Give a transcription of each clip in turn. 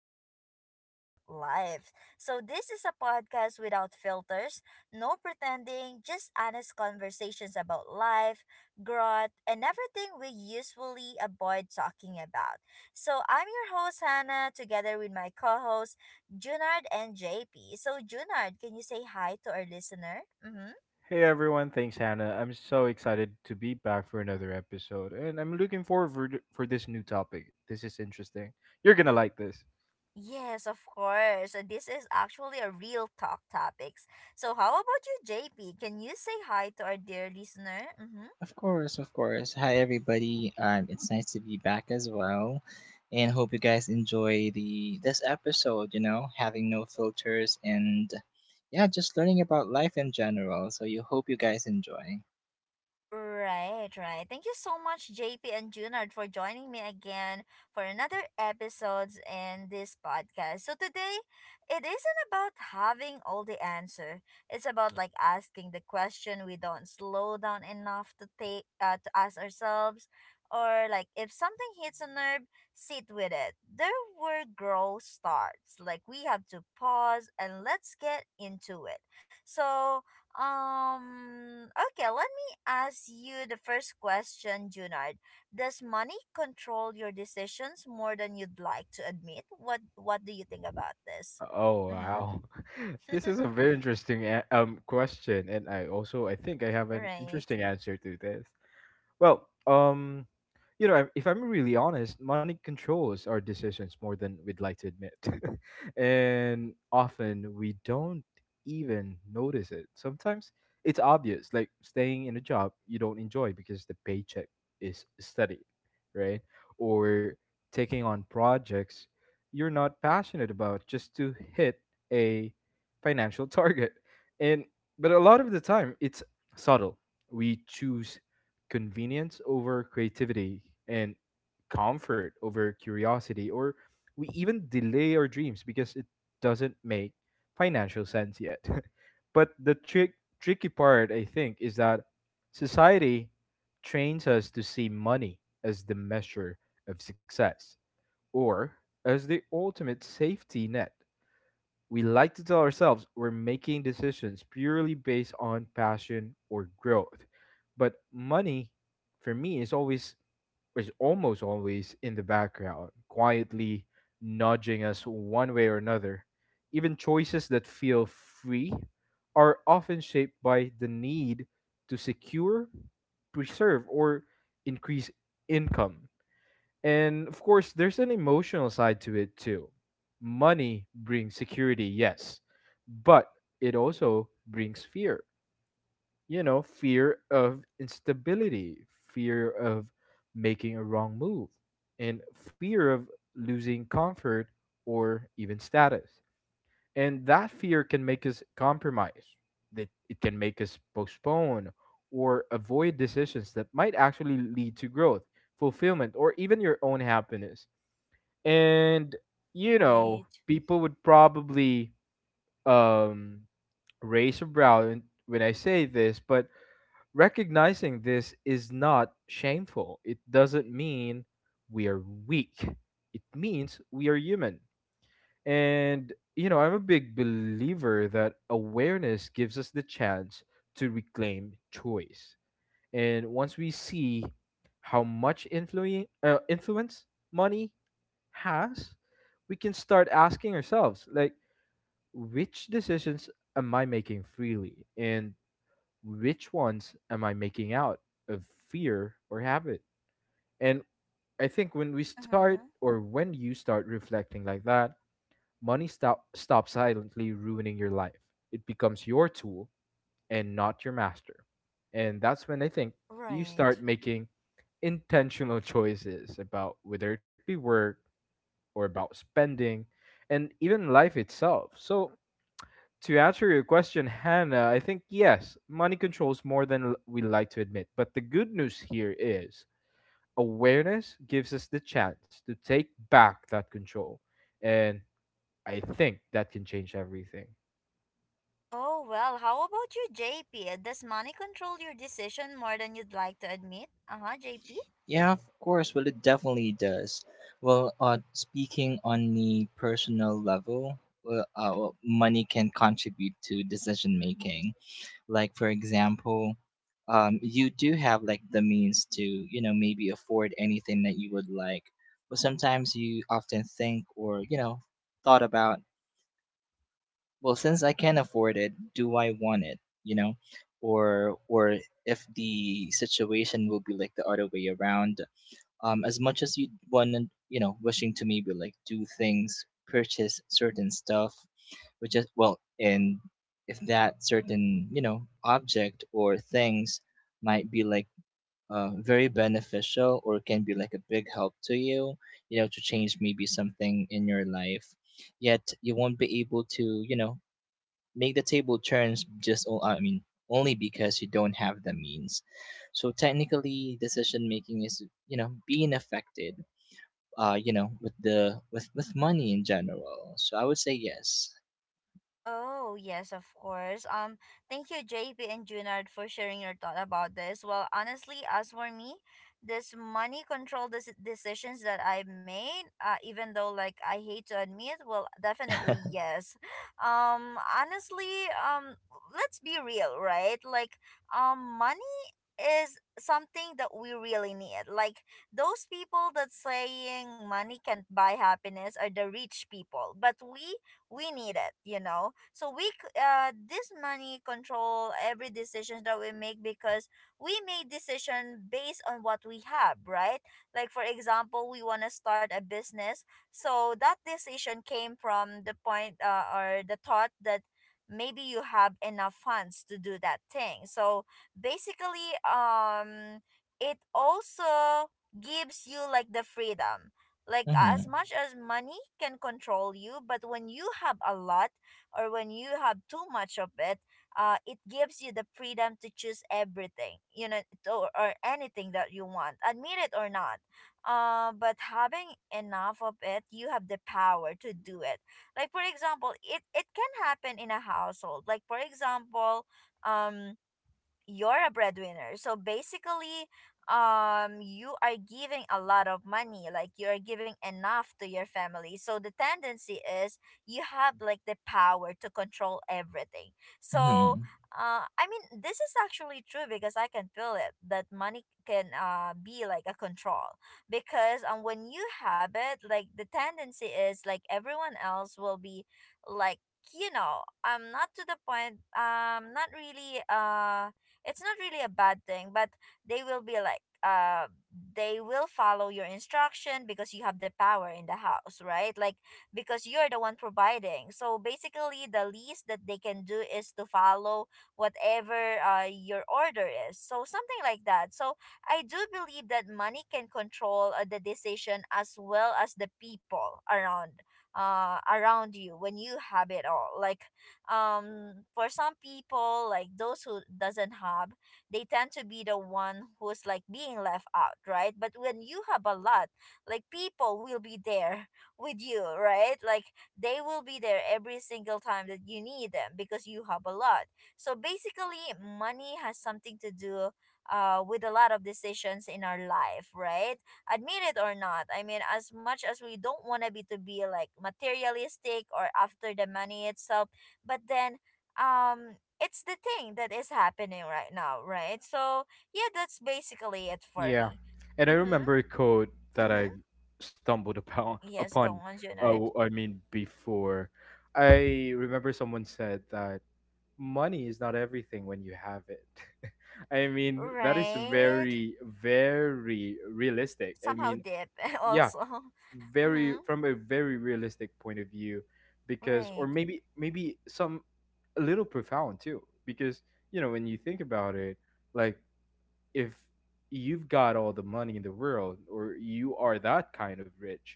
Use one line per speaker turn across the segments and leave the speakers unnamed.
Honest About Life. So, this is a podcast without filters, no pretending, just honest conversations about life, growth, and everything we usually avoid talking about. So, I'm your host, Hannah, together with my co hosts, Junard and JP. So, Junard, can you say hi to our listener? Mm hmm.
Hey everyone, thanks Hannah. I'm so excited to be back for another episode, and I'm looking forward for this new topic. This is interesting. You're gonna like this.
Yes, of course. So this is actually a real talk topics. So how about you, JP? Can you say hi to our dear listener? Mm-hmm.
Of course, of course. Hi, everybody. It's nice to be back as well, and hope you guys enjoy the this episode. You know, having no filters and yeah, just learning about life in general. So, you hope you guys enjoy.
Right, right. Thank you so much, JP and Junard, for joining me again for another episodes in this podcast. So today, it isn't about having all the answer. It's about like asking the question we don't slow down enough to take to ask ourselves, or like if something hits a nerve, sit with it. There were growth starts. Like we have to pause and let's get into it. So okay, let's ask you the first question, Junard. Does money control your decisions more than you'd like to admit? What do you think about this?
Oh
Mm-hmm.
wow, this is a very interesting question, and I also I think I have an
Right.
interesting answer to this. Well, you know, if I'm really honest, money controls our decisions more than we'd like to admit. And often we don't even notice it. Sometimes it's obvious, like staying in a job you don't enjoy because the paycheck is steady, right? Or taking on projects you're not passionate about just to hit a financial target. And but a lot of the time it's subtle. We choose convenience over creativity and comfort over curiosity, or we even delay our dreams because it doesn't make financial sense yet, but the tricky part, I think, is that society trains us to see money as the measure of success, or as the ultimate safety net. We like to tell ourselves we're making decisions purely based on passion or growth. But money, for me, is always, is almost always in the background, quietly nudging us one way or another. Even choices that feel free are often shaped by the need to secure, preserve, or increase income. And of course, there's an emotional side to it too. Money brings security, yes, but it also brings fear. You know, fear of instability, fear of making a wrong move, and fear of losing comfort or even status. And that fear can make us compromise, that it can make us postpone or avoid decisions that might actually lead to growth, fulfillment, or even your own happiness. And you know,
Right.
people would probably um raise a brow when I say this, but recognizing this is not shameful. It doesn't mean we are weak, it means we are human. And you know, I'm a big believer that awareness gives us the chance to reclaim choice. And once we see how much influence money has, we can start asking ourselves like, which decisions am I making freely, and which ones am I making out of fear or habit? And I think when we
Mm-hmm.
start, or when you start reflecting like that, money stops silently ruining your life. It becomes your tool and not your master. And that's when I think you
Right.
start making intentional choices, about whether it be work or about spending and even life itself. So, to answer your question, Hannah, I think yes, money controls more than we like to admit. But the good news here is awareness gives us the chance to take back that control. And I think that can change everything.
Oh well. How about you, JP? Does money control your decision more than you'd like to admit? Uh huh, JP.
Yeah, of course. Well, it definitely does. Well, speaking on the personal level, well, well, money can contribute to decision making, like for example, you do have like the means to, you know, maybe afford anything that you would like, but sometimes you often think, or you know, thought about, well, since I can afford it, do I want it, you know? Or if the situation will be like the other way around. As much as you want to, you know, wishing to maybe like do things, purchase certain stuff, which is, well, and if that certain, you know, object or things might be like very beneficial or can be like a big help to you, you know, to change maybe something in your life, yet you won't be able to, you know, make the table turns, I mean only because you don't have the means. So technically, decision making is, you know, being affected. You know, with the with money in general. So I would say yes.
Oh, yes, of course. Thank you, JP and Junard, for sharing your thought about this. Well, honestly, as for me, this money control decisions that I made, even though like I hate to admit, well, definitely yes. Honestly, let's be real, right? Like, money is something that we really need. Like those people that saying money can't buy happiness are the rich people, but we need it. So this money control every decision that we make, because we make decision based on what we have, right? Like for example, we want to start a business. So that decision came from the point, or the thought, that maybe you have enough funds to do that thing. So basically, it also gives you like the freedom. Like, as much as money can control you, but when you have a lot or when you have too much of it, it gives you the freedom to choose everything, or anything that you want, admit it or not. But having enough of it, you have the power to do it. Like for example, it can happen in a household. Like for example, um you're a breadwinner. So basically, you are giving a lot of money, like you are giving enough to your family. So the tendency is you have like the power to control everything. So,
Mm-hmm.
I mean, this is actually true because I can feel it that money can be like a control, because when you have it, like the tendency is like everyone else will be like, you know, I'm not to the point, not really, it's not really a bad thing, but they will be like, they will follow your instruction because you have the power in the house, right? Like because you're the one providing, so basically the least that they can do is to follow whatever your order is, so something like that. So I do believe that money can control, the decision as well as the people around you when you have it all. Like for some people, like those who doesn't have, they tend to be the one who's like being left out, right? But when you have a lot, like people will be there with you, right? Like they will be there every single time that you need them because you have a lot. So basically money has something to do, with a lot of decisions in our life, right? Admit it or not. I mean, as much as we don't want to be like materialistic or after the money itself, but then it's the thing that is happening right now, right? So yeah, that's basically it for
Yeah,
me.
and I remember a
Mm-hmm.
code that
Mm-hmm.
I stumbled upon.
Yes, go
Upon,
on,
uh,
Junard.
w- I mean, before I remember someone said that money is not everything when you have it. I mean, that is
Right.
very, very realistic. I
Somehow
mean,
dip
yeah,
also.
very
Mm-hmm.
from a very realistic point of view, because, or
Right.
maybe some a little profound too, because you know, when you think about it, like, if you've got all the money in the world or you are that kind of rich,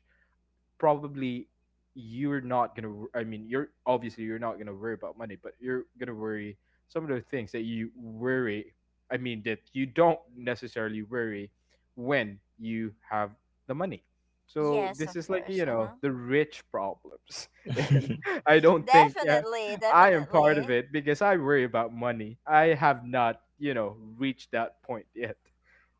probably you're not gonna you're obviously you're not gonna worry about money, but you're gonna worry some of the things that you worry I mean that you don't necessarily worry when you have the money. So
Yes, of
this is like,
course.
you know,
Uh-huh.
the rich problems. And
Mm-hmm.
I don't think, yeah,
Definitely,
I am part of
definitely,
it, because I worry about money. I have not, you know, reached that point yet.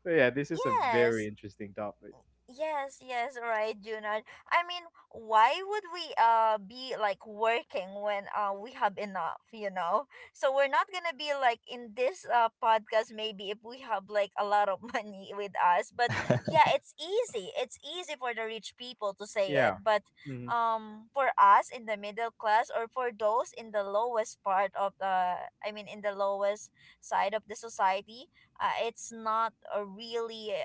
So yeah, this is a
yes.
very interesting topic.
Yes, yes, right, Junard. I mean, why would we be like working when we have enough, you know? So we're not gonna be like in this podcast maybe if we have like a lot of money with us. But yeah, it's easy. It's easy for the rich people to say
Yeah.
it. But
Mhm.
for us in the middle class or for those in the lowest part of the I mean, in the lowest side of the society, it's not a really,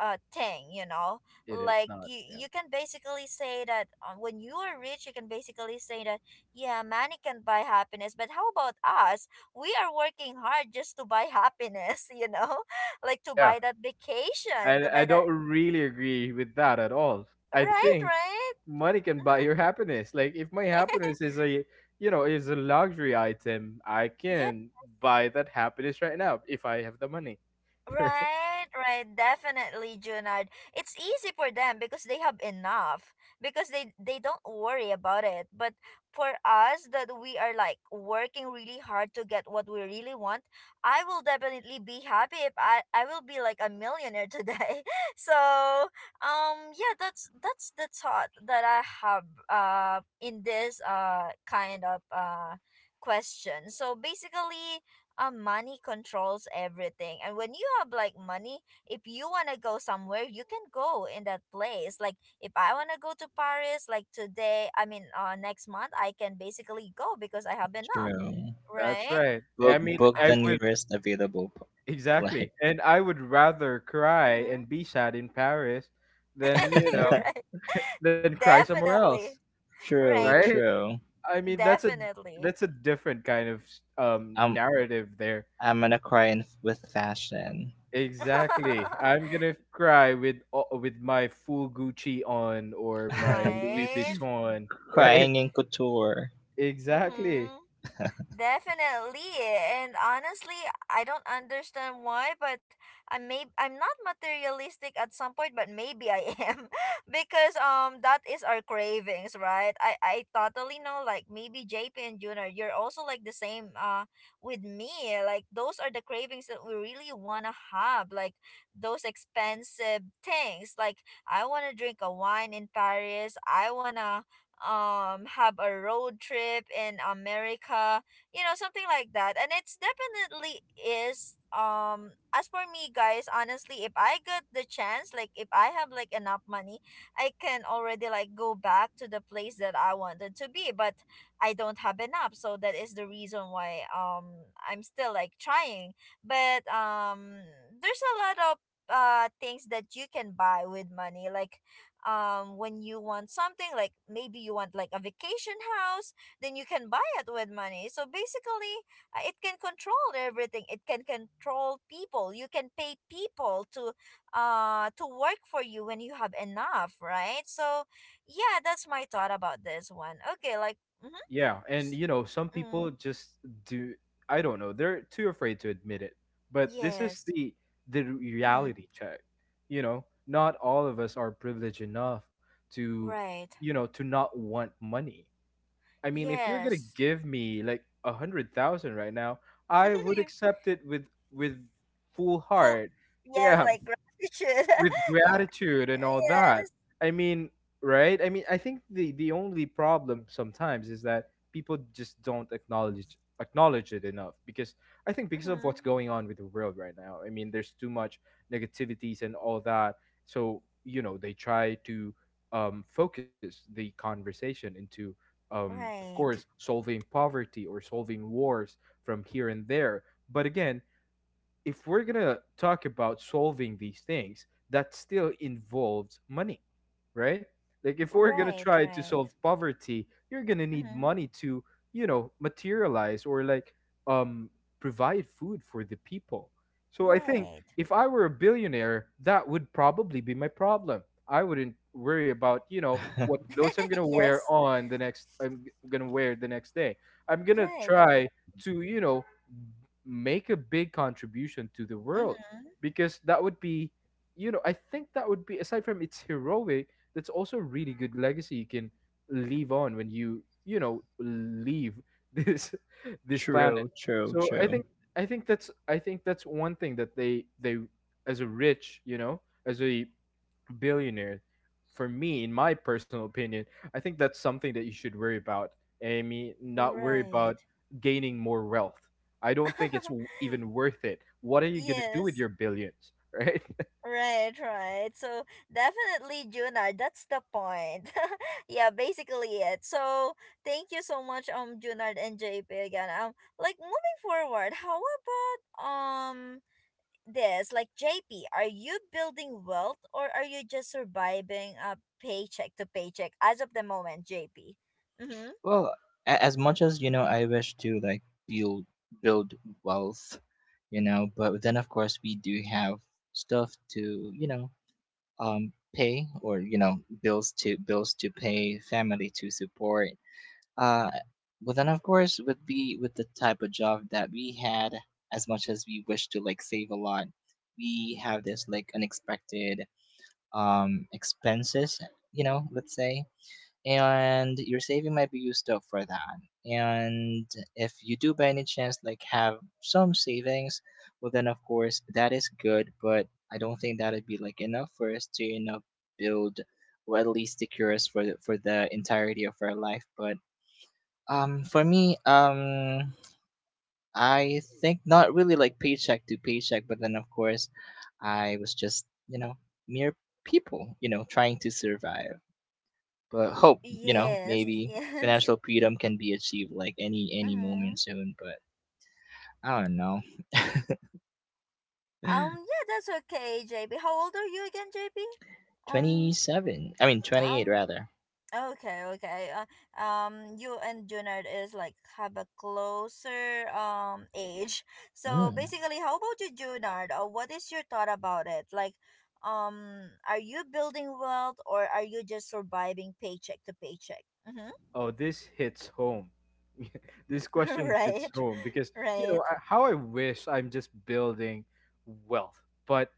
thing, you know.
It is
Like
not,
you
yeah.
you can basically say that, when you are rich, you can basically say that, yeah, money can buy happiness, but how about us? We are working hard just to buy happiness. Like, to
Yeah,
buy that vacation,
and
to
I
buy that.
don't really agree with that at all. I
Right,
think
right.
money can buy your happiness. Like if my
Hmm.
happiness is a, you know, is a luxury item, I can buy that happiness right now if I have the money. Right?
Right, right, definitely, Junard. It's easy for them because they have enough because they don't worry about it. But for us that we are like working really hard to get what we really want, I will definitely be happy if I will be like a millionaire today. So, yeah, that's the thought that I have, in this, kind of, question. So basically, money controls everything. And when you have like money, if you want to go somewhere, you can go in that place. Like if I want to go to Paris, like today, I mean, next month, I can basically go because I have enough,
True.
That's
right?
right. I
Book
mean,
book
Uh,
I
the
would,
nearest available
mhm,
flight.
exactly, and I would rather cry
mhm.
and be sad in Paris than, you
You're
know,
right.
than cry somewhere else.
Definitely. Right.
True,
Right?
true.
I mean, that's a,
Definitely.
that's a different kind of
I'm
narrative there.
I'm gonna cry in, with fashion.
Exactly. I'm gonna cry with with my full Gucci on or my Louis
Right.
Vuitton, right?
Crying in couture.
Exactly.
Mhm. Definitely. And honestly, I don't understand why, but I'm not materialistic at some point, but maybe I am, because that is our cravings, right? I totally know like maybe JP and Junior, you're also like the same, with me. Like those are the cravings that we really want to have, like those expensive things. Like I want to drink a wine in Paris. I want to have a road trip in America, you know, something like that, and it's definitely is, as for me, guys, honestly, if I get the chance, like if I have like enough money, I can already like go back to the place that I wanted to be, but I don't have enough, so that is the reason why, I'm still like trying. But there's a lot of, things that you can buy with money. Like, when you want something, like maybe you want like a vacation house, then you can buy it with money. So basically, it can control everything. It can control people. You can pay people to work for you when you have enough, right? So yeah, that's my thought about this one. Okay. Like, mm-hmm.
Yeah, and
S-
you know, some people
mm,
just do. I don't know. They're too afraid to admit it. But this is
yes.
the
Mm-hmm.
reality check. You know, not all of us are privileged enough to,
Right.
you know, to not want money. I mean, if you're gonna
Yes.
give me like a hundred thousand right now, I would
you
accept it with full
full
heart.
yes,
Yeah,
like gratitude.
with gratitude and all that.
Yes.
I mean, right? I mean, I think the only problem sometimes is that people just don't acknowledge it enough, because I think because of what's
Mm-hmm.
going on with the world right now. I mean, there's too much negativities and all that. So, you know, they try to focus the conversation into, of
Right.
course, solving poverty or solving wars from here and there. But again, if we're gonna talk about solving these things, that still involves money, right? Like if we're gonna
Right,
try to
right.
solve poverty, you're gonna need
Mm-hmm.
money to, you know, materialize, or like um provide food for the people. So I think,
Right.
if I were a billionaire, that would probably be my problem. I wouldn't worry about, you know, what clothes I'm gonna wear
Yes.
on the next I'm g- gonna wear the next day. I'm gonna
Right.
try to, you know, make a big contribution to the world,
Mm-hmm.
because that would be, you know, I think that would be, aside from it's heroic, that's also a really good legacy you can leave on when you know, leave this this planet.
True, true,
So I
true.
think, I think that's one thing that they, as a rich, you know, as a billionaire, for me, in my personal opinion, I think that's something that you should worry about. I mean, not worry
Right.
about gaining more wealth. I don't think it's w- even worth it. What are you going to do with
Yes.
your billions, right?
Right, right. So definitely, Junar, that's the point. Yeah, basically it. So thank you so much, Junar and JP again. Like moving forward, how about this? Like JP, are you building wealth or are you just surviving a paycheck to paycheck as of the moment, JP? Mm-hmm.
Well, as much as you know, I wish to like build build wealth, you know, but then of course we do have stuff to, you know, pay, or you know, bills to pay, family to support. Uh, but then of course, with the type of job that we had, as much as we wish to like save a lot, we have this like unexpected expenses, you know, let's say, and your saving might be used up for that. And if you do by any chance like have some savings, well then of course that is good, but I don't think that'd be like enough for us to, you know, build or at least secure us for the entirety of our life. But for me, I think not really like paycheck to paycheck, but then of course I was just, you know, mere people, you know, trying to survive, but hope, you know,
Yes.
maybe
Yes.
financial freedom can be achieved like any
Mm-hmm.
moment soon. But I don't know.
Yeah, that's okay, JB. How old are you again, JB? Um,
27 i mean 28
um,
rather.
okay, okay. You and Junard is like have a closer age. So
Mm,
basically, how about you, Junard? What is your thought about it? Like, are you building wealth or are you just surviving paycheck to paycheck? Mm-hmm.
Oh, this hits home. This question hits
Right,
home because, you
right.
know, how I wish I'm just building wealth. But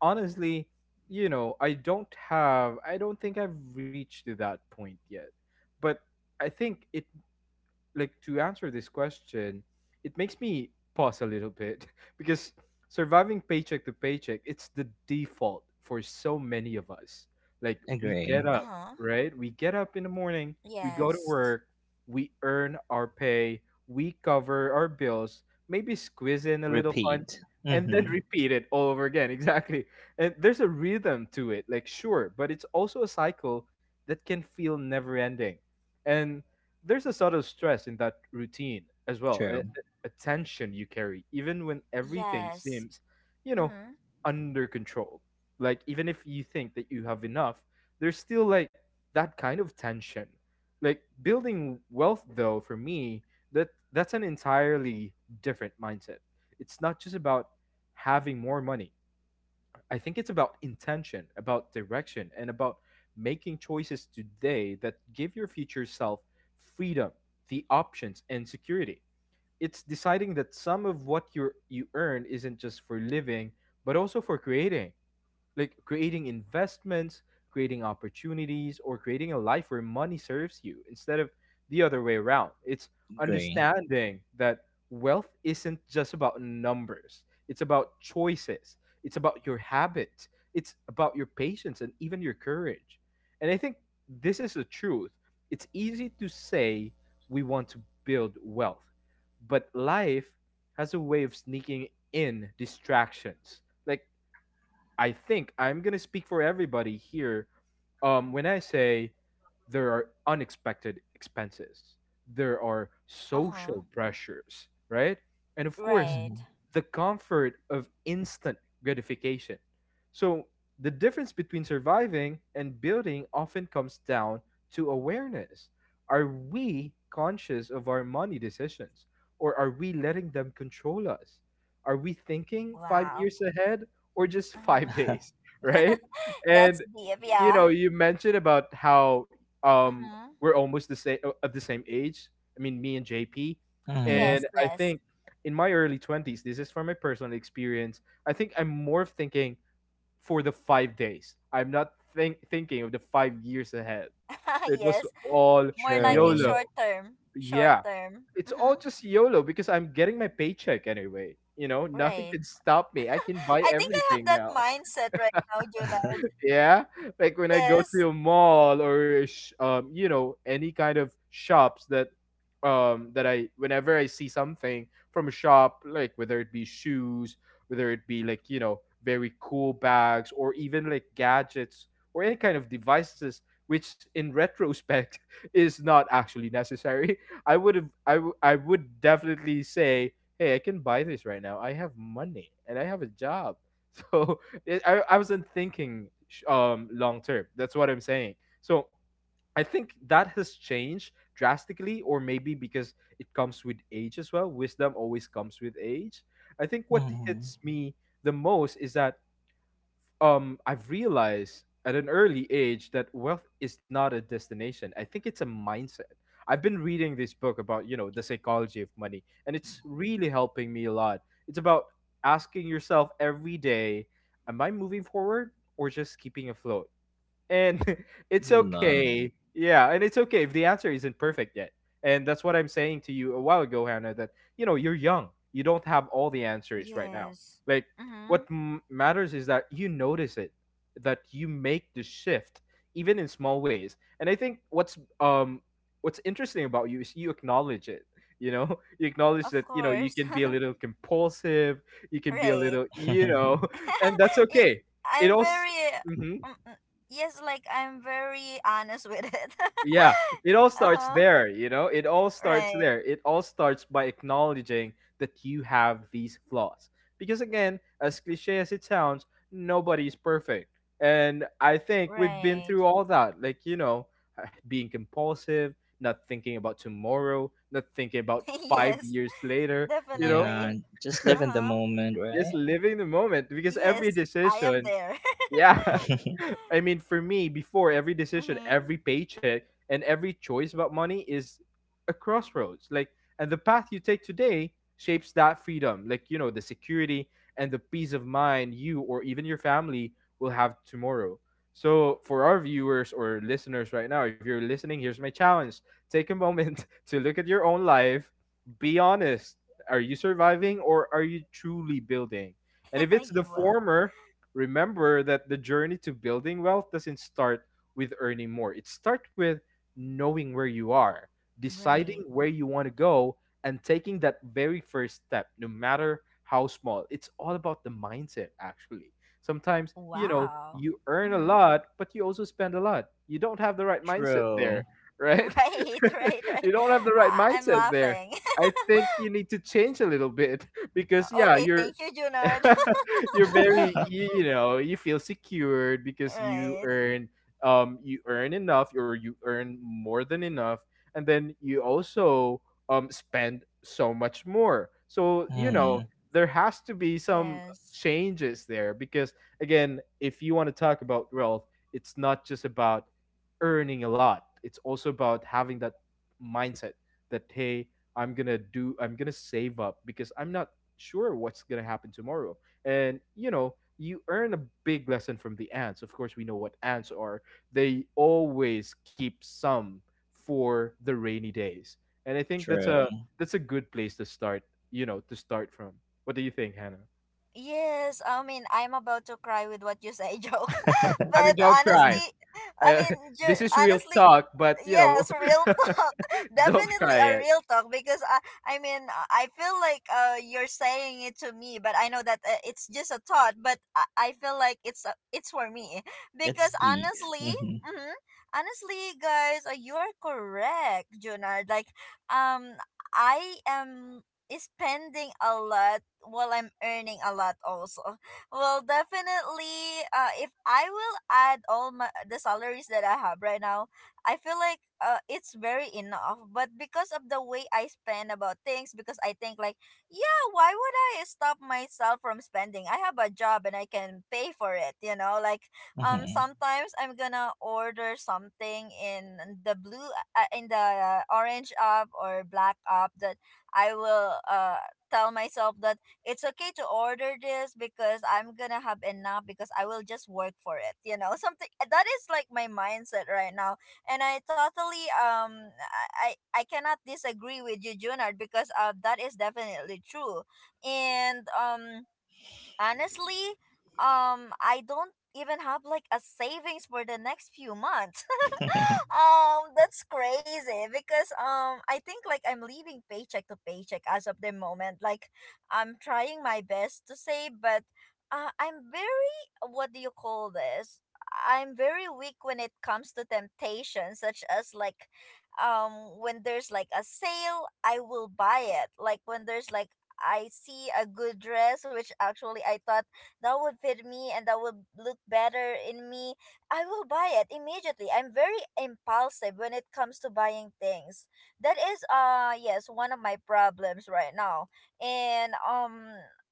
honestly, you know, I don't think I've reached to that point yet. But I think it, like, to answer this question, it makes me pause a little bit because surviving paycheck to paycheck, it's the default for so many of us. Like we
agree,
get
Uh
up,
huh.
right? We get up in the morning, we go to
Yes.
work, we earn our pay, we cover our bills, maybe squeeze in a little fun,
repeat,
and then
mm-hmm,
repeat it all over again. Exactly. And there's a rhythm to it, like, sure, but it's also a cycle that can feel never ending. And there's a sort of stress in that routine as well,
true,
a tension you carry even when everything
Yes.
seems, you know,
Mm-hmm.
under control. Like even if you think that you have enough, there's still like that kind of tension. Like building wealth, though, for me, that's an entirely different mindset. It's not just about having more money. I think it's about intention, about direction, and about making choices today that give your future self freedom, the options, and security. It's deciding that some of what you earn isn't just for living, but also for creating, like creating investments, creating opportunities, or creating a life where money serves you instead of the other way around. It's
agree,
understanding that wealth isn't just about numbers, it's about choices, it's about your habits, it's about your patience and even your courage. And I think this is the truth. It's easy to say we want to build wealth, but life has a way of sneaking in distractions. Like I think I'm gonna speak for everybody here. When I say, there are unexpected expenses, there are
Uh huh.
social pressures, right? And of course,
Right.
mm-hmm.
the comfort of instant gratification. So the difference between surviving and building often comes down to awareness. Are we conscious of our money decisions, or are we letting them control us? Are we thinking five
Wow.
years ahead, or just five
Mm-hmm.
days, right?
That's
And
deep,
you know,
yeah.
you mentioned about how um
Mm-hmm.
we're almost the same of the same age. I mean, me and JP,
Mm-hmm.
Yes,
and I
yes.
think in my early twenties, this is from my personal experience. I think I'm more of thinking for the 5 days. I'm not thinking of the 5 years ahead. So it was
Yes.
all
More likely
True.
YOLO.
short term. Short
Yeah.
term.
It's all
Mm-hmm.
just YOLO because I'm getting my paycheck anyway. You know, nothing
Right.
can stop me. I can buy
I think I have
everything
that
now.
mindset right now, Juna.
Yeah. Like when I go
Yes.
to a mall or a you know, any kind of shops that that I whenever I see something from a shop, like whether it be shoes, whether it be like, you know, very cool bags, or even like gadgets or any kind of devices, which in retrospect is not actually necessary. I would have I would definitely say, hey, I can buy this right now, I have money and I have a job. So I wasn't thinking long term. That's what I'm saying. So I think that has changed drastically, or maybe because it comes with age as well. Wisdom always comes with age. I think what
Mm-hmm.
hits me the most is that I've realized at an early age that wealth is not a destination. I think it's a mindset. I've been reading this book about, you know, the psychology of money, and it's really helping me a lot. It's about asking yourself every day, am I moving forward or just keeping afloat? And it's
Love.
okay. Yeah, and it's okay if the answer isn't perfect yet. And that's what I'm saying to you a while ago, Hannah. That, you know, you're young. You don't have all the answers right now.
Yes.
Like,
Mm-hmm.
matters is that you notice it, that you make the shift, even in small ways. And I think what's interesting about you is you acknowledge it. You know, you acknowledge
Of
that, you know, you
course.
can be a little compulsive. You can be a
Right.
little, you know, and that's
Y-
okay. It
I'm
also.
very,
Mm-hmm.
yes, like I'm very honest with it.
Yeah, it all starts
Uh-huh.
there, you know? It all starts
Right.
there. It all starts by acknowledging that you have these flaws. Because again, as cliche as it sounds, nobody is perfect. And I think we've been
Right.
through all that. Like, you know, being compulsive, not thinking about tomorrow, not thinking about five
Yes.
years later, you know,
Yeah,
Definitely.
just live in the
Uh-huh.
moment,
just
right?
living the moment. Because every
Yes, I am
decision,
there.
yeah. I mean, for me, before every decision,
Mm-hmm.
every paycheck, and every choice about money is a crossroads. Like, and the path you take today shapes that freedom. Like, you know, the security and the peace of mind you or even your family will have tomorrow. So, for our viewers or listeners right now, if you're listening, here's my challenge: take a moment to look at your own life, be honest. Are you surviving or are you truly building? And if it's the
Well,
former, remember that the journey to building wealth doesn't start with earning more. It starts with knowing where you are, deciding
right.
where you want to go, and taking that very first step, no matter how small. It's all about the mindset, actually. Sometimes, you know,
Wow.
you earn a
Mm-hmm.
lot, but you also spend a lot. You don't have the right mindset
True.
there, right?
Right, right,
You
right.
don't have the right
I'm
mindset there.
laughing.
I think you need to change a little bit because, yeah,
Okay,
you're.
thank you, Junard.
You're very you know, you feel secured because
Right.
you earn enough or you earn more than enough, and then you also spend so much more, so you
Mm,
know there has to be some
Yes.
changes there. Because again, if you want to talk about wealth, it's not just about earning a lot, it's also about having that mindset that, hey, I'm gonna save up because I'm not sure what's gonna happen tomorrow. And you know, you earn a big lesson from the ants. Of course, we know what ants are, they always keep some for the rainy days. And I think
true.
that's a good place to start, you know, to start from. What do you think, Hannah?
Yes, I mean, I'm about to cry with what you say, joke.
I mean,
But
don't cry.
honestly, I
I,
mean,
this is real
honestly,
talk, but you know.
yes, real talk.
Don't
Definitely
cry
a
it.
real talk because I mean, I feel like, you're saying it to me, but I know that, it's just a thought, but I feel like it's for me
It
because
speaks.
honestly,
Hmm.
mm-hmm, honestly, guys, you're correct, Junard. Like, um, I am spending a lot while I'm earning a lot also. Well, definitely if I will add all my the salaries that I have right now, I feel like it's very enough. But because of the way I spend about things, because I think like, yeah, why would I stop myself from spending? I have a job and I can pay for it, you know? Like
Hmm.
sometimes I'm gonna order something in the blue in the orange app or black app that I will tell myself that it's okay to order this because I'm gonna have enough because I will just work for it. You know, something that is like my mindset right now, and I totally I cannot disagree with you, Junard, because that is definitely true, and honestly, I don't even have like a savings for the next few months. That's crazy because I think like I'm living paycheck to paycheck as of the moment. Like, I'm trying my best to save, but I'm very, what do you call this? I'm very weak when it comes to temptation, such as like, um, when there's like a sale, I will buy it. Like when there's like I see a good dress, which actually I thought that would fit me and that would look better in me, I will buy it immediately. I'm very impulsive when it comes to buying things. That is, yes, one of my problems right now. And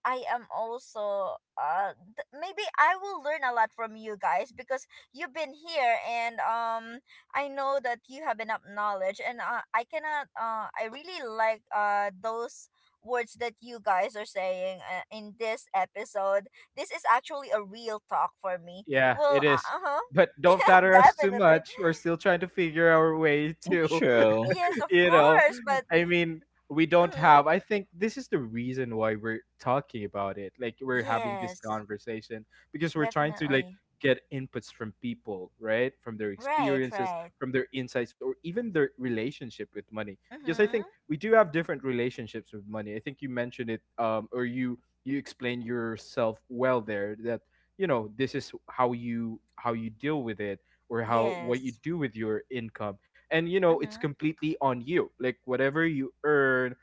I am also maybe I will learn a lot from you guys because you've been here, and I know that you have enough knowledge, and I cannot I really like those words that you guys are saying in this episode. This is actually a real talk for me.
Yeah, it
Well,
is,
uh huh.
but don't
Yeah,
flatter us too
definitely.
much, we're still trying to figure our way to.
True.
Yes, of
You know,
course. But,
i mean we don't
mm-hmm,
have. I think this is the reason why we're talking about it, like we're having this
yes,
conversation, because we're trying to like
definitely.
get inputs from people, right, from their
Right,
experiences,
right.
from their insights, or even their relationship with money.
Mm
Because I think
hmm.
we do have different relationships with money. I think you mentioned it, or you explained yourself well there, that, you know, this is how you deal with it, or how, what you
Yes.
do with your income. And you know,
Mm
it's
hmm.
completely on you. Like, whatever you earn,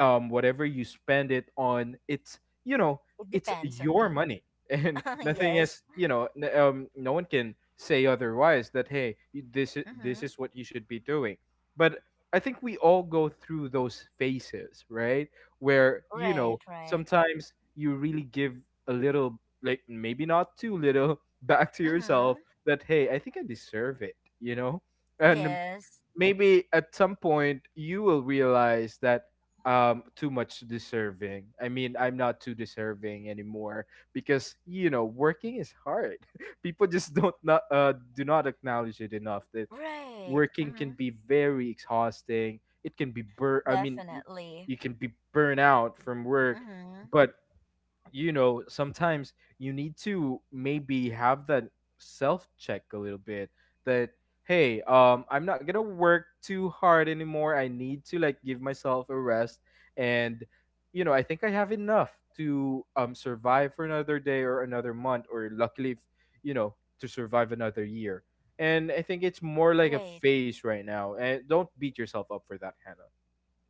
whatever you spend it on, it's, you know,
It
it's
depends on
your
me.
money, and nothing is,
Yes.
you know, no one can say otherwise that, hey,
Mm
this
hmm.
is what you should be doing. But I think we all go through those phases, right, where, you
Right,
know,
right.
sometimes you really give a little, like, maybe not too little back to
Mm hmm.
yourself, that, hey, I think I deserve it, you know. And
Yes.
maybe at some point you will realize that too much deserving, I mean, I'm not too deserving anymore, because, you know, working is hard. People just don't not do not acknowledge it enough that
Right. Mm
working can
hmm.
be very exhausting, it can be bur I mean y-
Definitely.
you can be burnt out from
Mm
work.
hmm.
But, you know, sometimes you need to maybe have that self check a little bit, that, hey, I'm not gonna work too hard anymore, I need to like give myself a rest. And you know, I think I have enough to survive for another day or another month, or luckily, if, you know, to survive another year. And I think it's more like a
Right.
phase right now, and don't beat yourself up for that, Hannah.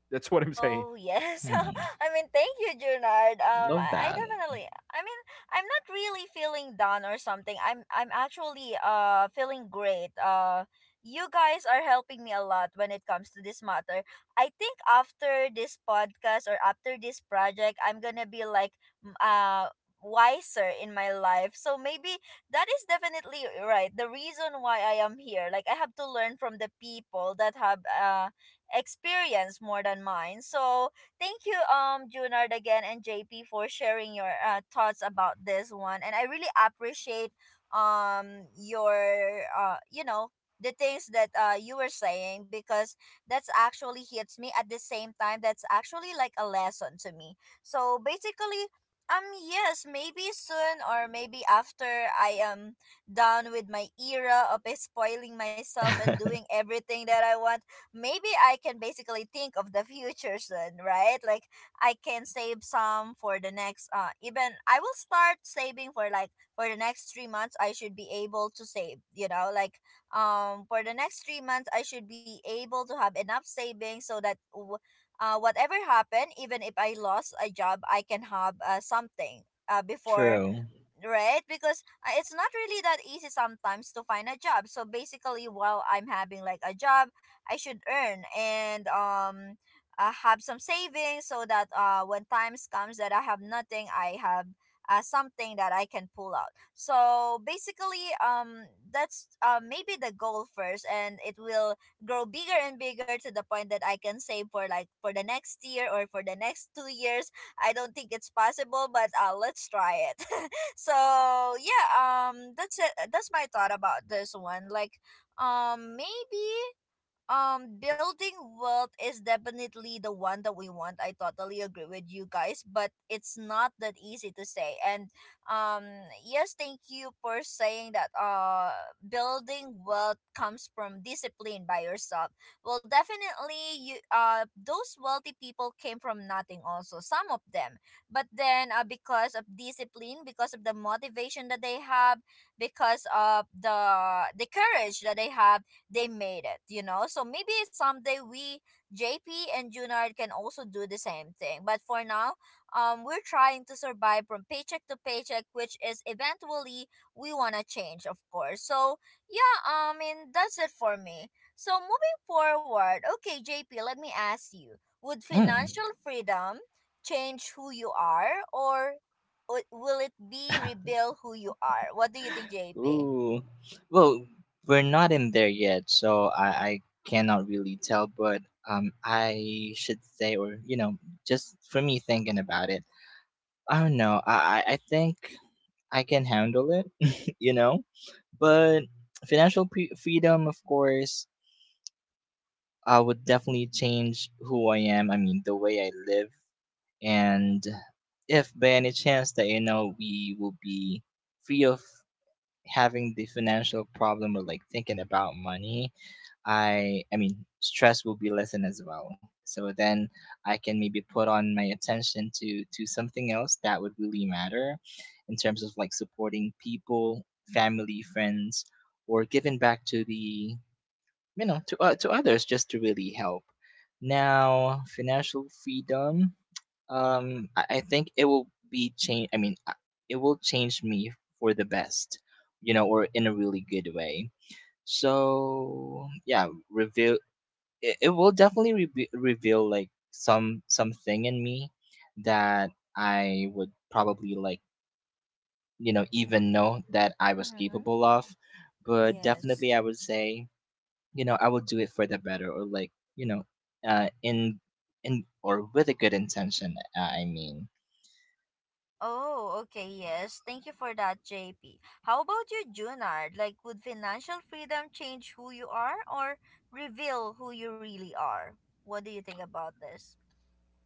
That's what I'm saying.
Oh yes.
Hmm.
I mean, thank you, Junard. Um,
Love
I, I
that.
definitely. I mean, I'm not really feeling down or something. I'm actually feeling great. You guys are helping me a lot when it comes to this matter. I think after this podcast or after this project, I'm gonna be like m- uh wiser in my life. So maybe that is definitely right. The reason why I am here, like I have to learn from the people that have experience more than mine. So thank you, Junard again and JP for sharing your thoughts about this one, and I really appreciate your you know, the things that you were saying, because that's actually hits me at the same time. That's actually like a lesson to me. So basically, um yes, maybe soon or maybe after I am done with my era of spoiling myself and doing everything that I want, maybe I can basically think of the future soon, right? Like I can save some for the next even I will start saving for like for the next 3 months. I should be able to save, you know, like for the next 3 months I should be able to have enough savings so that whatever happened, even if I lost a job, I can have something before,
True.
right? Because it's not really that easy sometimes to find a job. So basically, while I'm having like a job, I should earn and have some savings so that when times comes that I have nothing, I have something that I can pull out. So basically, that's maybe the goal first, and it will grow bigger and bigger to the point that I can save for like for the next year or for the next 2 years. I don't think it's possible, but let's try it. So yeah, that's it. That's my thought about this one. Like, maybe, building wealth is definitely the one that we want. I totally agree with you guys, but it's not that easy to say. And um yes, thank you for saying that building wealth comes from discipline by yourself. Well, definitely you, those wealthy people came from nothing also, some of them, but then because of discipline, because of the motivation that they have, because of the courage that they have, they made it, you know? So maybe someday we, JP and Junard, can also do the same thing. But for now, we're trying to survive from paycheck to paycheck, which is eventually we want to change, of course. So, yeah, I mean, that's it for me. So, moving forward, okay, JP, let me ask you, would
Mm.
financial freedom change who you are, or will it be rebuild who you are? What do you think, JP?
Ooh. Well, we're not in there yet, so I cannot really tell, but I should say, or, you know, just for me thinking about it, I don't know. I think I can handle it, you know? But freedom, of course, I would definitely change who I am. I mean, the way I live. And if by any chance that, you know, we will be free of having the financial problem or like thinking about money, I mean, stress will be lessened as well. So then I can maybe put on my attention to something else that would really matter in terms of like supporting people, family, friends, or giving back to the, you know, to others, just to really help. Now, financial freedom, I think it will be change. I mean, it will change me for the best, you know, or in a really good way. So yeah, reveal, it will definitely reveal like some something in me that I would probably like, you know, even know that I was
Mm-hmm.
capable of. But definitely
Yes.
I would say, you know, I will do it for the better, or like, you know, uh in in or with a good intention, I mean
Oh, okay, yes. Thank you for that, JP. How about you, Junard? Like, would financial freedom change who you are or reveal who you really are? What do you think about this?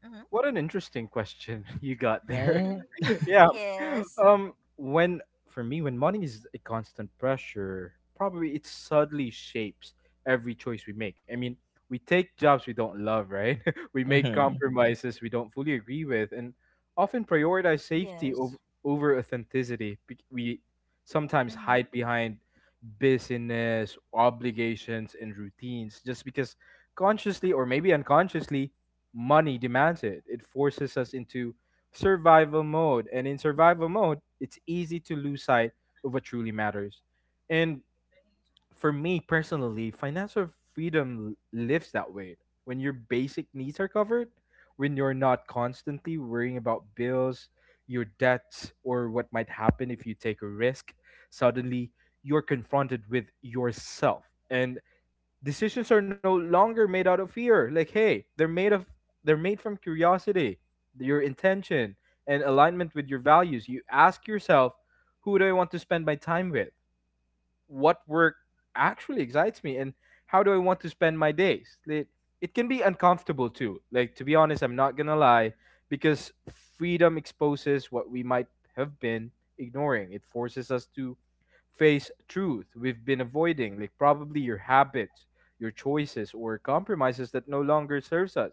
Mm-hmm.
What an interesting question you got there.
right.
Yeah.
Yes.
When For me, when money is a constant pressure, probably it subtly shapes every choice we make. I mean, we take jobs we don't love, right? We make
Mm-hmm.
compromises we don't fully agree with, and often prioritize safety over
Yes.
authenticity. We sometimes hide
Mm-hmm.
behind business, obligations and routines, just because, consciously or maybe unconsciously, money demands it. It forces us into survival mode. And in survival mode, it's easy to lose sight of what truly matters. And for me personally, financial freedom lifts that weight. When your basic needs are covered, when you're not constantly worrying about bills, your debts, or what might happen if you take a risk, suddenly you're confronted with yourself. And decisions are no longer made out of fear. Like, hey, they're made from curiosity, your intention, and alignment with your values. You ask yourself, who do I want to spend my time with? What work actually excites me? And how do I want to spend my days? It can be uncomfortable too. Like, to be honest, I'm not going to lie, because freedom exposes what we might have been ignoring. It forces us to face truth we've been avoiding, like probably your habits, your choices, or compromises that no longer serves us.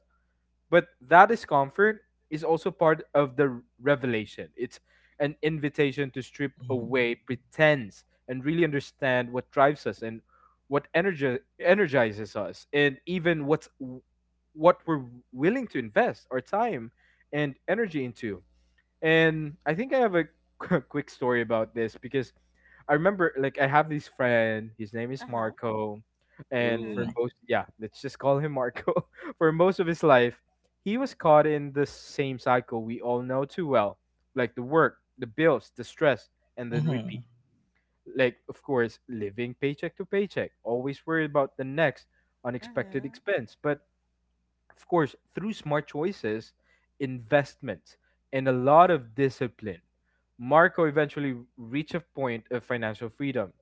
But that discomfort is also part of the revelation. It's an invitation to strip
Mm-hmm.
away pretense and really understand what drives us, and energizes us, and even what we're willing to invest our time and energy into. And I think I have a quick story about this. Because I remember, like, I have this friend, his name is
Uh-huh.
Marco, and
Mm-hmm.
Ooh.
for most, yeah, let's just call him Marco. For most of his life, he was caught in the same cycle we all know too well, like the work, the bills, the stress, and then
Mm-hmm.
repeat. Like, of course, living paycheck to paycheck, always worried about the next unexpected
Mm-hmm.
expense. But of course, through smart choices, investment, and a lot of discipline, Marco eventually reached a point of financial freedom,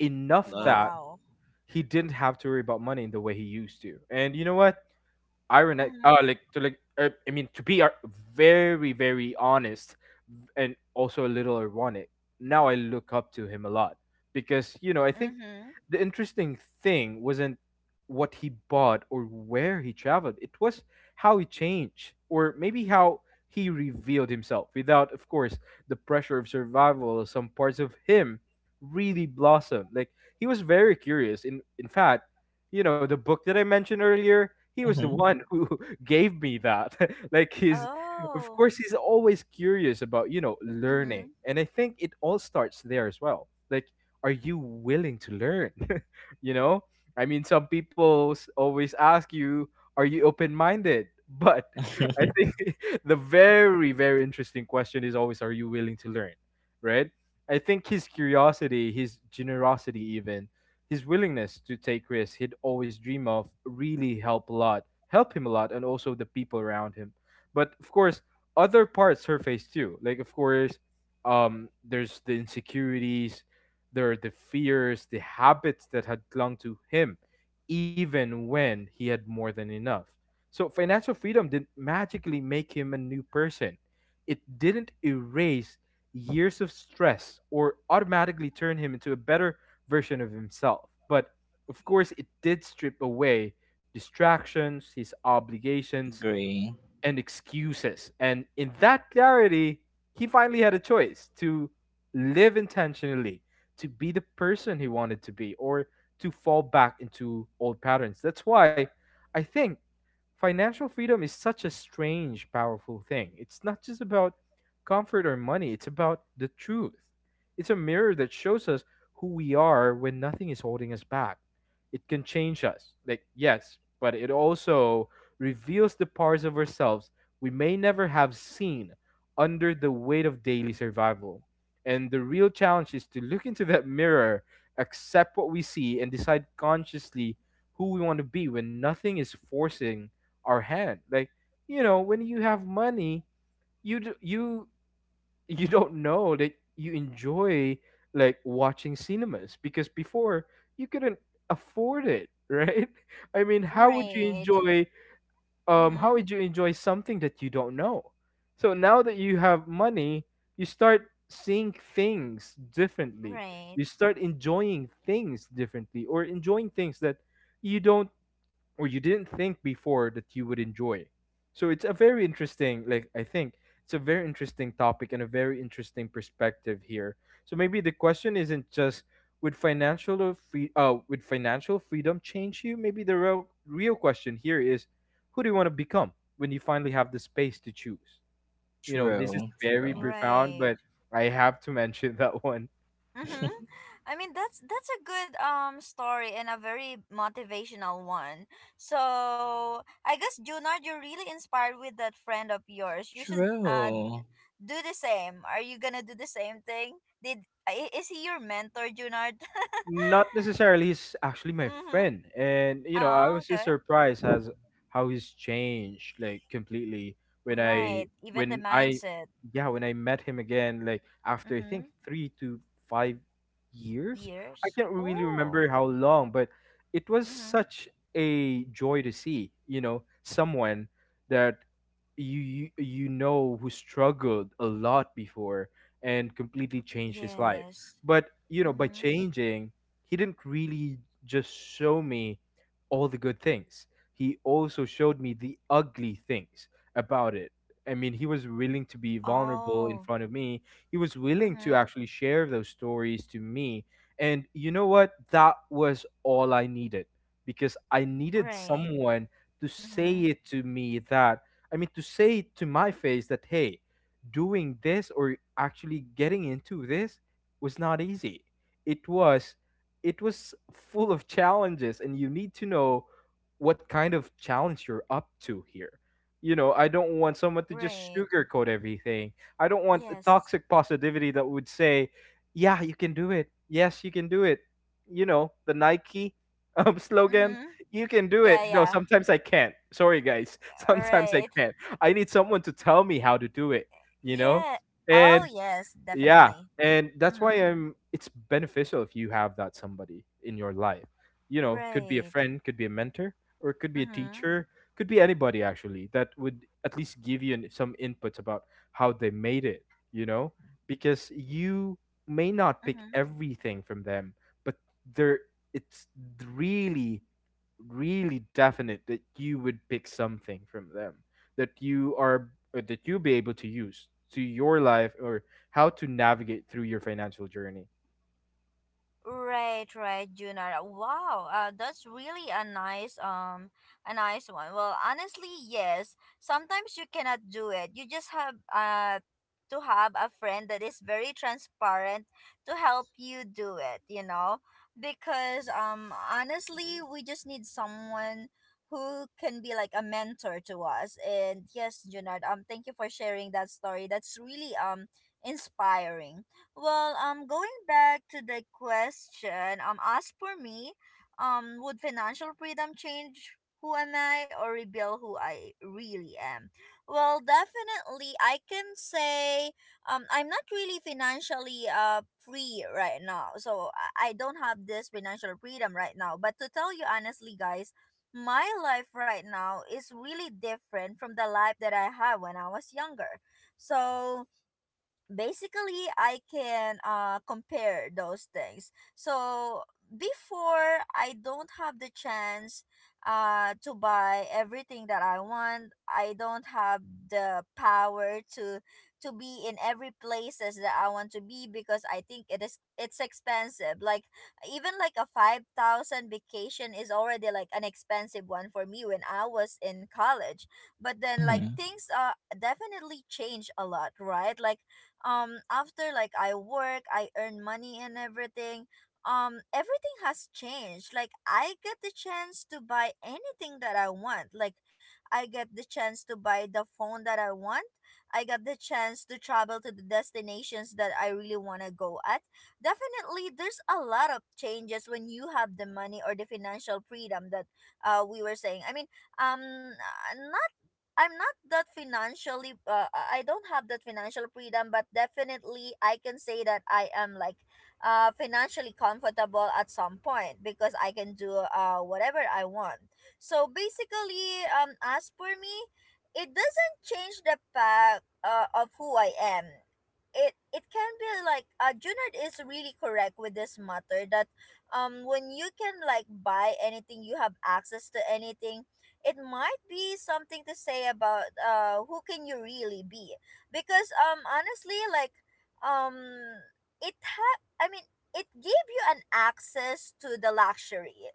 enough
Love.
that
Wow.
he didn't have to worry about money in the way he used to. And you know what? Ironic,
Mm-hmm.
like to like I mean to be ar- very, very honest, and also a little ironic, now I look up to him a lot. Because, you know, I think
Mm-hmm.
the interesting thing wasn't what he bought or where he traveled, it was how he changed, or maybe how he revealed himself, without, of course, the pressure of survival. Some parts of him really blossomed. Like, he was very curious. In fact, you know, the book that I mentioned earlier, he was the
Mm-hmm.
one who gave me that. Like, he's, of
Oh.
course, he's always curious about, you know, learning,
Mm-hmm.
and I think it all starts there as well. Like, are you willing to learn? You know, I mean, some people always ask you, "Are you open-minded?" But I think the very, very interesting question is always, "Are you willing to learn?" Right? I think his curiosity, his generosity, even his willingness to take risks he'd always dream of really helped a lot, help him a lot, and also the people around him. But of course, other parts surface too. Like of course, there's the insecurities, there are the fears, the habits that had clung to him, even when he had more than enough. So financial freedom didn't magically make him a new person. It didn't erase years of stress or automatically turn him into a better version of himself. But of course, it did strip away distractions, his obligations,
Agree.
and excuses. And in that clarity, he finally had a choice to live intentionally, to be the person he wanted to be, or to fall back into old patterns. That's why I think financial freedom is such a strange, powerful thing. It's not just about comfort or money, it's about the truth. It's a mirror that shows us who we are when nothing is holding us back. It can change us, like, yes, but it also reveals the parts of ourselves we may never have seen under the weight of daily survival. And the real challenge is to look into that mirror, accept what we see, and decide consciously who we want to be when nothing is forcing our hand. Like you know, when you have money, you do, you don't know that you enjoy like watching cinemas because before you couldn't afford it, right? I mean, how would you
Right.
enjoy how
Mm-hmm.
would you enjoy something that you don't know? So now that you have money, you start seeing things differently. You
Right.
start enjoying things differently or enjoying things that you don't, or you didn't think before that you would enjoy. So it's a very interesting, like I think it's a very interesting topic and a very interesting perspective here. So maybe the question isn't just, would financial freedom change you? Maybe the real, real question here is, who do you want to become when you finally have the space to choose? You know, this is
True,
very
true.
profound,
Right.
but I have to mention that one.
Mm-hmm. I mean, that's a good story and a very motivational one. So I guess, Junard, you're really inspired with that friend of yours. You should
True.
do the same. Are you gonna do the same thing? Is he your mentor, Junard?
Not necessarily. He's actually my
Mm-hmm.
friend, and you know, I
Oh,
was just
okay.
surprised as how he's changed, like completely when
Right.
i
Even the
when i
mindset.
yeah when I met him again, like after I
Mm-hmm.
think 3 to 5 years. I
Years.
can't really
Oh.
remember how long, but it was
Mm-hmm.
such a joy to see, you know, someone that who struggled a lot before and completely changed his life.
Yes.
But you know, by
Mm-hmm.
changing, he didn't really just show me all the good things. He also showed me the ugly things about it. I mean, he was willing to be vulnerable in
Oh.
front of me. He was willing to
Mm-hmm.
actually share those stories to me. And you know what, that was all I needed, because I needed
Right.
someone to
Mm-hmm.
say it to me that, I mean, to say to my face that, hey, doing this or actually getting into this was not easy. It was, it was full of challenges, and you need to know what kind of challenge you're up to here. You know, I don't want someone to just
Right.
sugarcoat everything. I don't want the
Yes.
toxic positivity that would say, yeah, you can do it. Yes, you can do it. You know, the Nike slogan,
Mm-hmm.
you can do it.
Yeah,
No,
yeah.
sometimes I can't. Sorry, guys.
Yeah,
Sometimes I
right.
can't. I need someone to tell me how to do it, you know?
Yeah. Oh,
And
yes,
yeah,
definitely.
and that's why
Mm-hmm.
I'm it's beneficial if you have that somebody in your life. You know, could be a
Right.
friend, could be a mentor, or it could be a
Mm-hmm.
teacher, could be anybody actually that would at least give you some inputs about how they made it, you know? Because you may not pick
Mm-hmm.
everything from them, but there, it's really, really definite that you would pick something from them that you are that you'll be able to use to your life, or how to navigate through your financial journey.
Right, right, Junar. Wow, that's really a nice one. Well, honestly, yes. Sometimes you cannot do it. You just have to have a friend that is very transparent to help you do it, you know? Because honestly, we just need someone who can be like a mentor to us. And yes, Junard, thank you for sharing that story. That's really inspiring. Well, going back to the question, as for me, would financial freedom change who am I or reveal who I really am? Well, definitely, I can say, I'm not really financially free right now, so I don't have this financial freedom right now. But to tell you honestly, guys, my life right now is really different from the life that I had when I was younger. So basically I can compare those things. So before I don't have the chance to buy everything that I want. I don't have the power to be in every places that I want to be, because I think it is, it's expensive. Like even like a 5,000 vacation is already like an expensive one for me when I was in college. But then like
Mm-hmm.
things definitely change a lot, right? Like after like I work, I earn money and everything, everything has changed. Like I get the chance to buy anything that I want. Like I get the chance to buy the phone that I want. I got the chance to travel to the destinations that I really want to go at. Definitely there's a lot of changes when you have the money or the financial freedom that we were saying. I mean, um not I'm not that financially I don't have that financial freedom, but definitely I can say that I am like financially comfortable at some point because I can do whatever I want. So basically, as for me, it doesn't change the path of who I am. It can be like, Junard is really correct with this matter, that when you can like buy anything, you have access to anything, it might be something to say about who can you really be. Because honestly, like um it ha- I mean it gave you an access to the luxury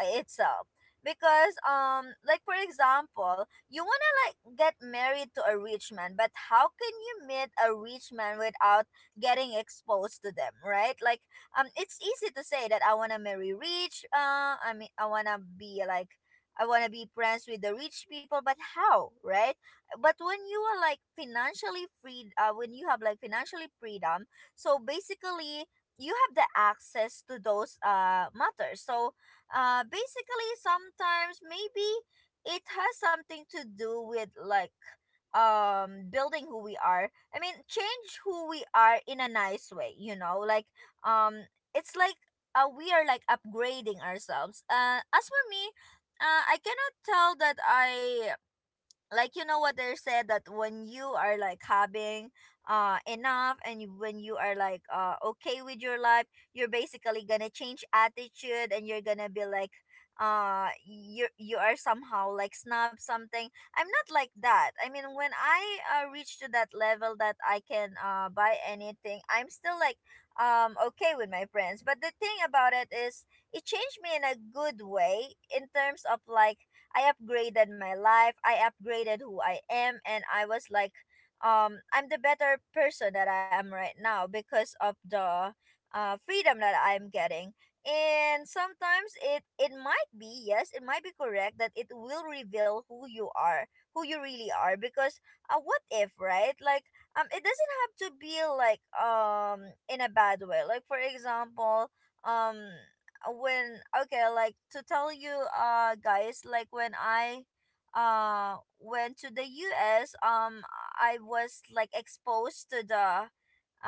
itself, because like for example, you want to like get married to a rich man, but how can you meet a rich man without getting exposed to them, right? Like it's easy to say that I want to marry rich, I want to be like, I want to be friends with the rich people, but how, right? But when you are like financially free, when you have like financially freedom, so basically you have the access to those matters. So, basically sometimes maybe it has something to do with like building who we are, I mean change who we are in a nice way, you know, like um it's like we are like upgrading ourselves. As for me, I cannot tell that I like, you know what they said, that when you are like having enough and when you are like okay with your life, you're basically gonna change attitude and you're gonna be like, you are somehow like snob something. I'm not like that. I mean, when I reach to that level that I can buy anything, I'm still like okay with my friends. But the thing about it is it changed me in a good way in terms of like, I upgraded my life, I upgraded who I am, and I was like, I'm the better person that I am right now because of the freedom that I'm getting. And sometimes it might be, yes, it might be correct that it will reveal who you are, who you really are. Because what if, right? Like it doesn't have to be like in a bad way. Like for example, um when, okay, like to tell you guys, like when I went to the US. I was like exposed to the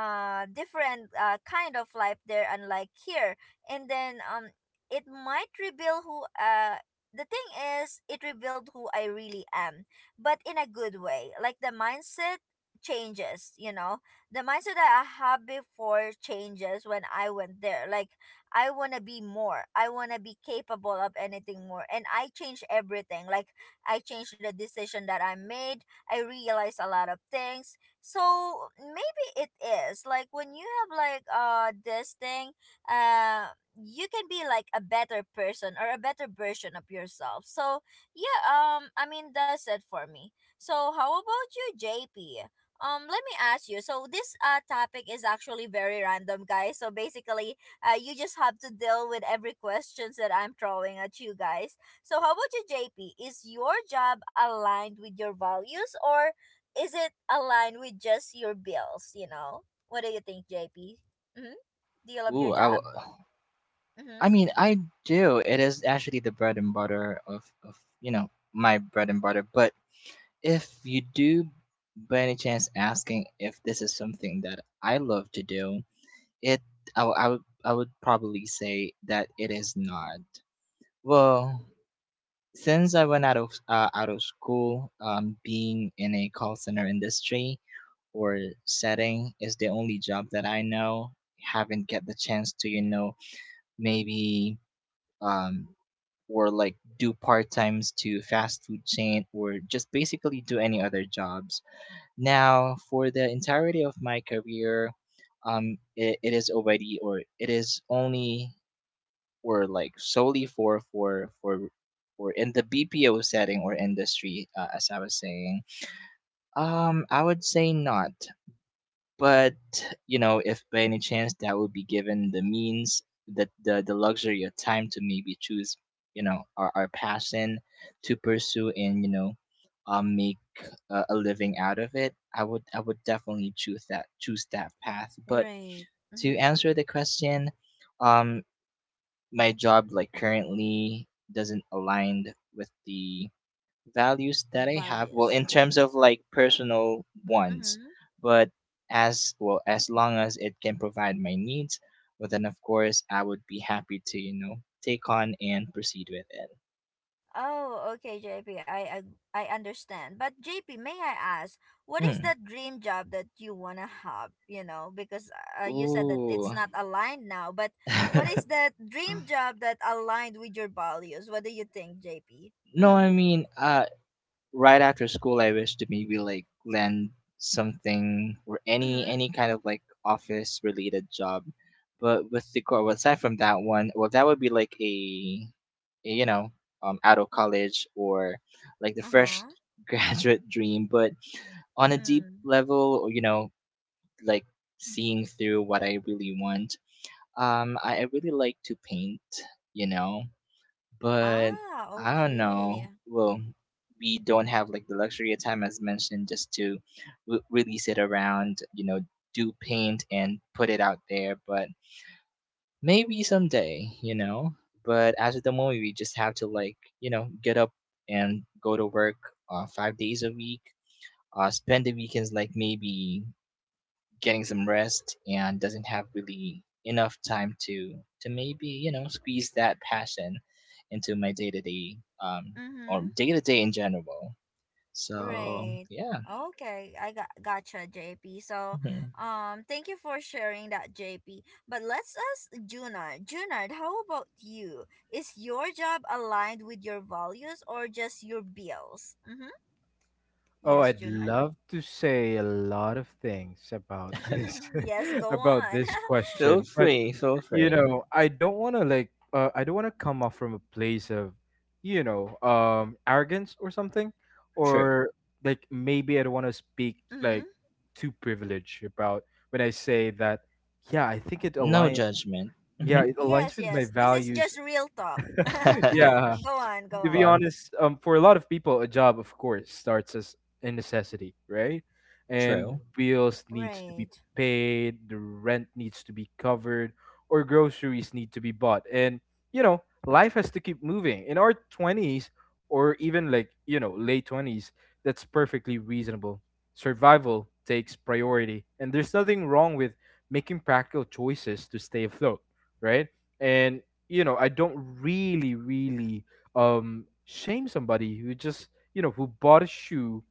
different kind of life there, unlike here. And then it might reveal who the thing is it revealed who I really am, but in a good way. Like the mindset changes, you know, the mindset that I had before changes when I went there. Like, I want to be more, I want to be capable of anything more, and I change everything. Like, I changed the decision that I made, I realized a lot of things. So it is like when you have like this thing, uh you can be like a better person or a better version of yourself. So yeah, I mean, that's it for me. So how about you, JP? Let me ask you. So this topic is actually very random, guys, so basically you just have to deal with every questions that I'm throwing at you guys. So how about you, JP? Is your job aligned with your values, or is it aligned with just your bills, you know? What do you think, JP? Mm-hmm. Do you love
Ooh,
your
I will.
job?
I
Mm-hmm.
mean, I do. It is actually the bread and butter of you know, my bread and butter. But if you do, by any chance, asking if this is something that I love to do, it I, I would, I would probably say that it is not. Well, since I went out of school, being in a call center industry or setting is the only job that I know. Haven't get the chance to, you know, maybe um or like do part times to fast food chain or just basically do any other jobs. Now, for the entirety of my career, it is already, or it is only, or like solely for or in the BPO setting or industry, as I was saying. I would say not. But, you know, if by any chance that would be given the means, that the luxury of time to maybe choose, you know, our passion to pursue and, you know, make a living out of it, I would, I would definitely choose that path. But
Right.
to
Mm-hmm.
answer the question, um, my job like currently doesn't align with the values that I have, well,
Values.
in terms of like personal ones,
Mm-hmm.
but as well, as long as it can provide my needs, well, then of course I would be happy to, you know, take on and proceed with it.
Oh, okay, JP. I understand. But JP, may I ask, what is
Hmm.
that dream job that you wanna have? You know, because you said that
Ooh.
it's not aligned now. But what is that dream job that aligned with your values? What do you think, JP?
No,
Mm-hmm.
I mean, right after school I wish to maybe like land something, or
Mm-hmm.
any kind of like office related job, but with the core aside from that one, well, that would be like a, you know, out of college, or like the
Uh
fresh
huh.
graduate dream. But on a deep
Mm.
level, or you know, like seeing through what I really want, I really like to paint, you know, but
Ah,
I don't
okay.
know. Well, we don't have like the luxury of time, as mentioned, just to release it around, you know, do paint and put it out there, but maybe someday, you know. But as of the moment, we just have to like, you know, get up and go to work 5 days a week, spend the weekends like maybe getting some rest and doesn't have really enough time to maybe, you know, squeeze that passion into my day to day, um or
Mm-hmm.
day to day in general. So
Right.
yeah,
Okay, I got gotcha, JP. So,
mhm.
thank you for sharing that, JP. But let's ask Junard. Junard, how about you? Is your job aligned with your values or just your bills? Mm-hmm.
Oh,
Yes,
I'd
Junard.
love to say a lot of things about this,
Yes, go
about
on.
this
Feel
question, but
free, feel
you
free.
know, I don't want to I don't want to come off from a place of, you know, arrogance or something,
True,
or like, maybe I don't want to speak
Mm-hmm.
like too privileged about, when I say that, yeah, I think it
no
aligns
judgment.
yeah, it aligns
Yes,
with my
yes. This is
values.
just real talk.
Mm-hmm.
Yeah.
Go on,
To
go
be
on.
Gone.
honest, for a lot of people, a job, of course, starts as a necessity, right? And
True.
bills needs to be
Right.
paid, the rent needs to be covered, or groceries need to be bought. And, you know, life has to keep moving. In our 20s, or even like, you know, late 20s, that's perfectly reasonable. Survival takes priority. And there's nothing wrong with making practical choices to stay afloat, right? And, you know, I don't really, really shame somebody who just who bought a shoe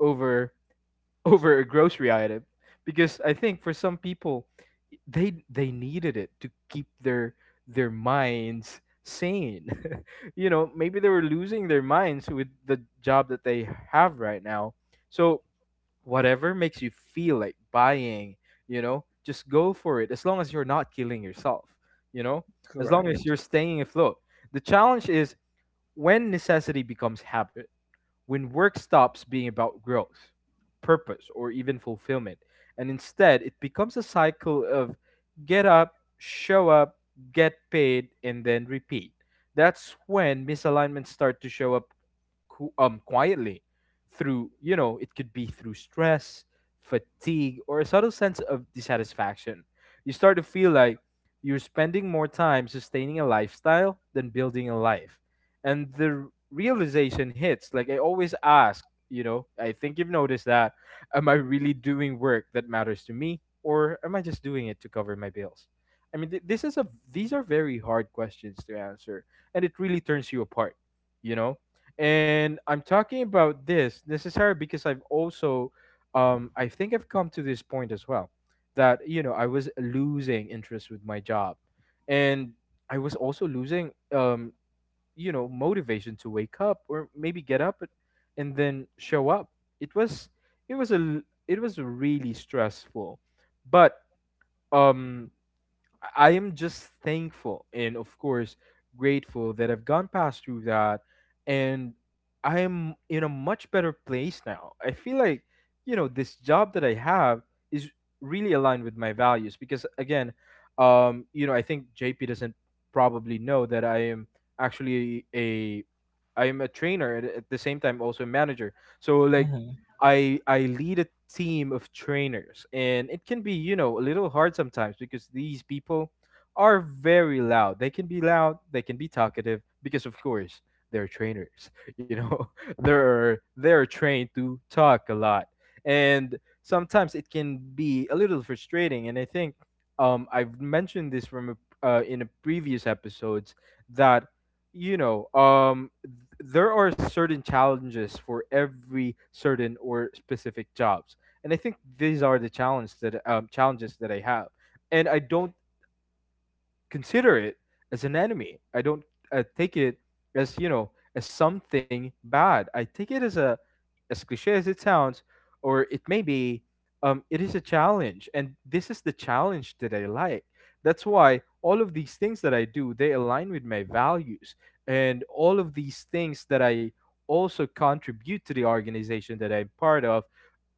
over over a grocery item, because I think for some people they needed it to keep their minds sane. You know, maybe they were losing their minds with the job that they have right now. So whatever makes you feel like buying, you know, just go for it as long as you're not killing yourself, you know? As long as
Correct.
you're staying afloat. The challenge is when necessity becomes habit, when work stops being about growth, purpose, or even fulfillment, and instead it becomes a cycle of get up, show up, get paid, and then repeat. That's when misalignments start to show up quietly, through, you know, it could be through stress, fatigue, or a subtle sense of dissatisfaction. You start to feel like you're spending more time sustaining a lifestyle than building a life, and the realization hits, like, I always ask, you know, I think you've noticed that, am I really doing work that matters to me, or am I just doing it to cover my bills? I mean, th- this is a these are very hard questions to answer, and it really turns you apart, you know. And I'm talking about this necessarily because I've also, I think I've come to this point as well, that, you know, I was losing interest with my job, and I was also losing, you know, motivation to wake up, or maybe get up and then show up. It was it was a l- it was really stressful. But, um I am just thankful and, of course, grateful that I've gone past through that, and I am in a much better place now. I feel like, you know, this job that I have is really aligned with my values because, again, you know, I think JP doesn't probably know that I am actually a I am a trainer, and at the same time also a manager. So like,
Mm-hmm.
I lead a team of trainers, and it can be, you know, a little hard sometimes because these people are very loud. They can be loud. They can be talkative because, of course, they're trainers. You know, they're trained to talk a lot, and sometimes it can be a little frustrating. And I think, I've mentioned this from in a previous episodes, that, you know, there are certain challenges for every certain or specific jobs, and I think these are the challenges that I have, and I don't consider it as an enemy. I don't take it as, you know, as something bad. I take it as cliche as it sounds, or it may be, it is a challenge, and this is the challenge that I like. That's why all of these things that I do, they align with my values, and all of these things that I also contribute to the organization that I'm part of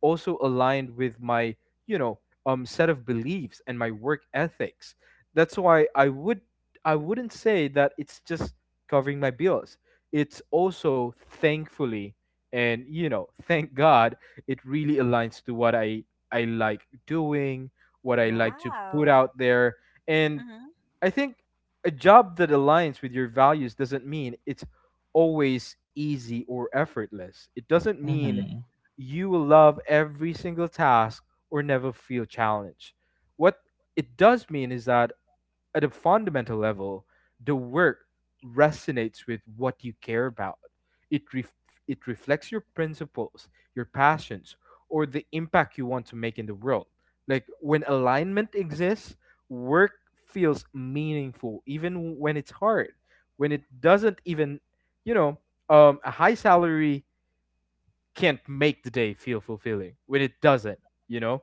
also aligned with my, you know, set of beliefs and my work ethics. That's why I wouldn't say that it's just covering my bills. It's also, thankfully, and you know, thank god, it really aligns to what I like doing, what I like to put
Wow.
out there. And
Mm-hmm.
I think, a job that aligns with your values doesn't mean it's always easy or effortless. It doesn't mean
Mm-hmm.
you will love every single task or never feel challenged. What it does mean is that at a fundamental level, the work resonates with what you care about. It ref- it reflects your principles, your passions, or the impact you want to make in the world. Like when alignment exists, work feels meaningful even when it's hard. When it doesn't even, you know, a high salary can't make the day feel fulfilling when it doesn't you know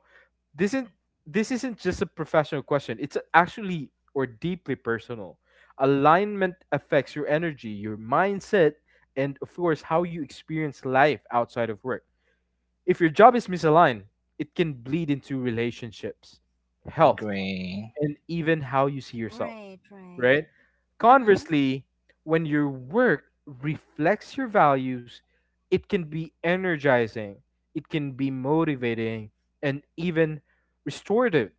this isn't this isn't just a professional question, it's actually or deeply personal. Alignment affects your energy, your mindset, and of course how you experience life outside of work. If your job is misaligned, it can bleed into relationships, health,
Agree.
and even how you see yourself,
Right, right.
right?
Mm-hmm.
Conversely, when your work reflects your values, it can be energizing, it can be motivating, and even restorative.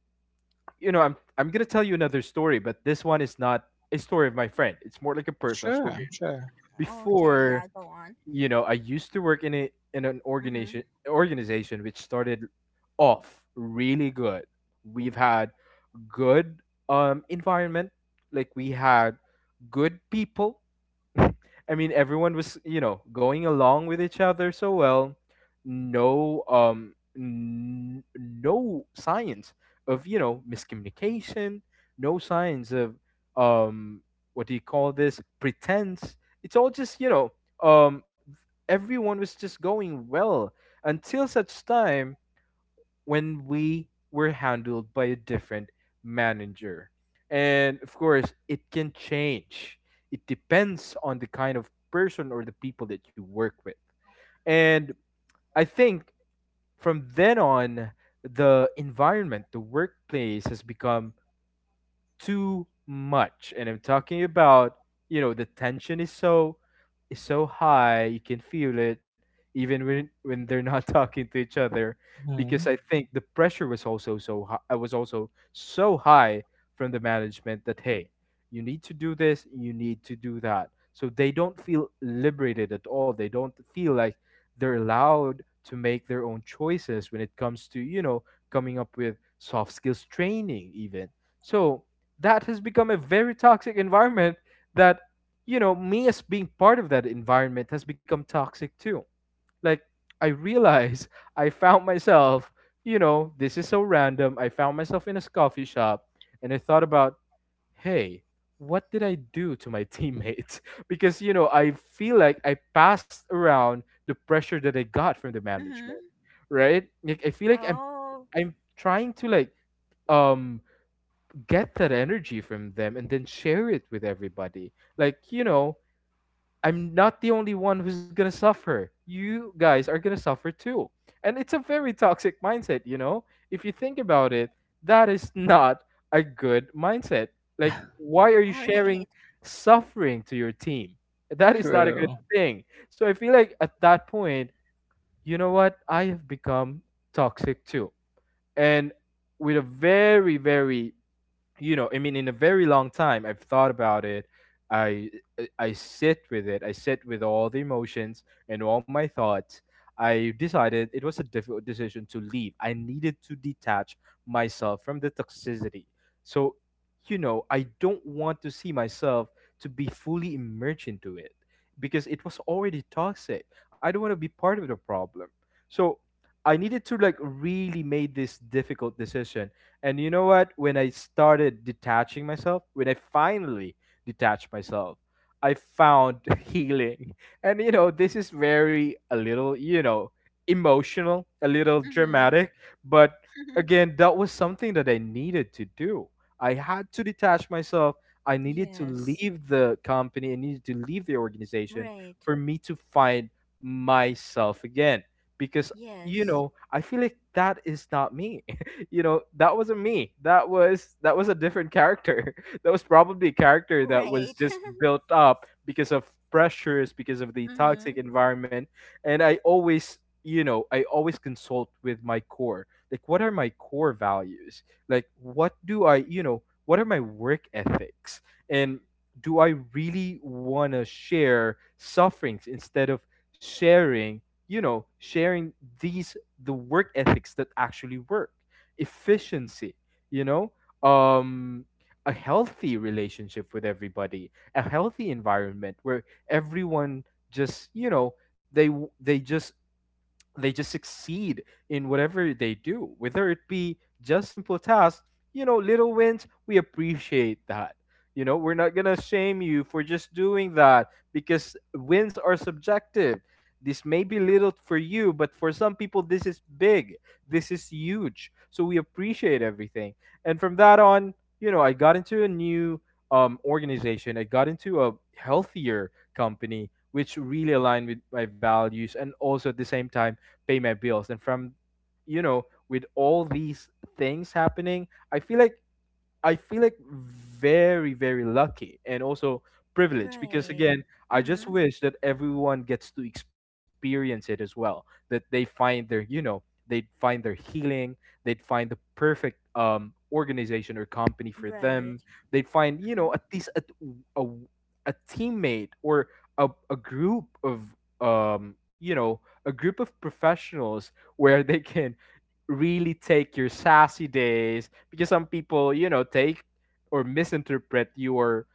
You know, I'm gonna tell you another story, but this one is not a story of my friend. It's more like a personal
Sure.
story.
Sure.
Okay,
Before,
yeah, go on.
you know, I used to work in a in an
Mm-hmm.
organization organization which started off really good. We've had good environment. Like we had good people. I mean, everyone was, you know, going along with each other so well. No, no signs of, you know, miscommunication. No signs of, um, what do you call this? Pretense. It's all just, you know, um, everyone was just going well until such time when we were handled by a different manager. And of course, it can change. It depends on the kind of person or the people that you work with. And I think from then on, the environment, the workplace has become too much. And I'm talking about, you know, the tension is so high You can feel it even when they're not talking to each other, because
Mm-hmm.
I think the pressure was also so high. I was also so high from the management that, hey, you need to do this, you need to do that. So they don't feel liberated at all. They don't feel like they're allowed to make their own choices when it comes to, you know, coming up with soft skills training even. So that has become a very toxic environment, that, you know, me as being part of that environment has become toxic too. Like, I realize I found myself, you know, this is so random, I found myself in a coffee shop and I thought about, hey, what did I do to my teammates? Because, you know, I feel like I passed around the pressure that I got from the management,
Mm-hmm.
right? Like, I feel like i'm
Oh,
i'm trying to, like, um get that energy from them and then share it with everybody. Like, you know, I'm not the only one who's going to suffer. You guys are going to suffer too. And it's a very toxic mindset, you know? If you think about it, that is not a good mindset. Like, why are you
right.
sharing suffering to your team? That is not a
Mm-hmm.
good
True.
thing. So I feel like at that point, you know what? I have become toxic too. And with a very, very, you know, I mean, in a very long time I've thought about it. i i I sit with it, I sit with all the emotions and all my thoughts. I decided, it was a difficult decision to leave. I needed to detach myself from the toxicity. So, you know, I don't want to see myself to be fully immersed into it because it was already toxic. I don't want to be part of the problem. So I needed to, like, really make this difficult decision. And you know what? When I started detaching myself, when I finally detached myself, I found healing. And you know, this is very a little, you know, emotional, a little
Mm-hmm.
dramatic, but again, that was something that I needed to do. I had to detach myself. I needed to
Yes.
leave the company. I needed to leave the organization
Right.
for me to find myself again, because, you
Yes.
know, I feel like that is not me. You know, that wasn't me. That was a different character, that was probably a character that was
Right.
just built up because of pressures, because of the toxic
Mm-hmm.
environment. And I always, you know, I always consult with my core, like, what are my core values, like, what do I, you know, what are my work ethics, and do I really want to share sufferings instead of sharing, you know, sharing these, the work ethics that actually work? Efficiency, you know, um, a healthy relationship with everybody, a healthy environment where everyone just, you know, they just, they just succeed in whatever they do, whether it be just simple tasks. You know, little wins, we appreciate that. You know, we're not gonna shame you for just doing that because wins are subjective. This may be little for you, but for some people, this is big. This is huge. So we appreciate everything. And from that on, you know, I got into a new, organization. I got into a healthier company, which really aligned with my values, and also at the same time pay my bills. And from, you know, with all these things happening, I feel like, I feel like very, very lucky and also privileged because,
Right.
again, I just
Mm-hmm.
wish that everyone gets to experience it as well. That they find their, you know, they'd find their healing, they'd find the perfect organization or company for
Right.
them. They'd find, you know,
Mm-hmm.
at least a, a teammate, or a group of, you know, a group of professionals where they can really take your sassy days, because some people, you know, take or misinterpret your,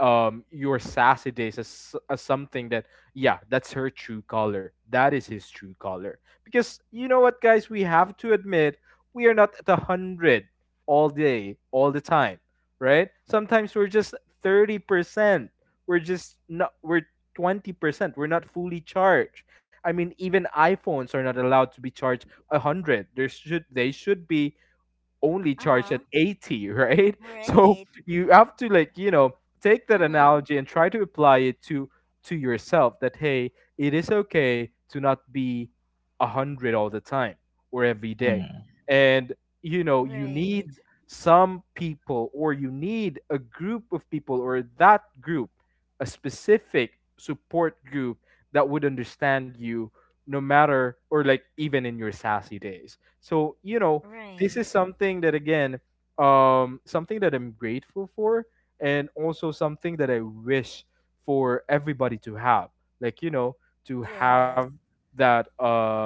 your sassy days as something that, yeah, that's her true color, that is his true color. Because, you know what, guys, we have to admit, we are not at 100% all day, all the time, right? Sometimes we're just 30%, we're just not we're 20%, we're not fully charged. I mean, even iPhones are not allowed to be charged 100%. There should they should be only charged at
Uh-huh.
80, right? So
Right.
you have to, like, you know, take that
Mm-hmm.
analogy and try to apply it to yourself, that, hey, it is okay to not be 100 all the time or every day.
Mhm.
And, you know, you
Right.
need some people, or you need a group of people, or that group, a specific support group that would understand you, no matter, or like, even in your sassy days. So, you know, this is
Right.
something that, again, something that I'm grateful for, and also something that I wish for everybody to have. Like, you know, to have
Yes.
that,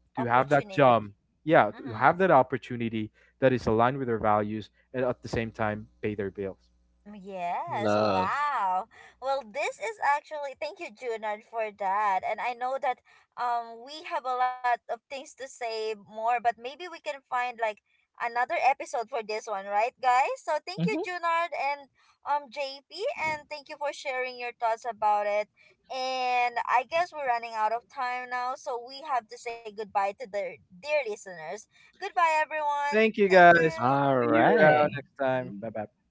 to have that job,
Opportunity.
yeah, to
Mm-hmm.
have that opportunity that is aligned with their values and at the same time pay their bills.
Yes,
Love.
wow. Well, this is actually, thank you, Junan, for that. And I know that we have a lot of things to say more, but maybe we can find like another episode for this one, right, guys? So thank you,
Mm-hmm.
Junard, and JP, and thank you for sharing your thoughts about it. And I guess we're running out of time now, so we have to say goodbye to the dear listeners. Goodbye everyone.
Thank you,
Thank
guys.
you.
All
See you around
right.
next time. Bye bye.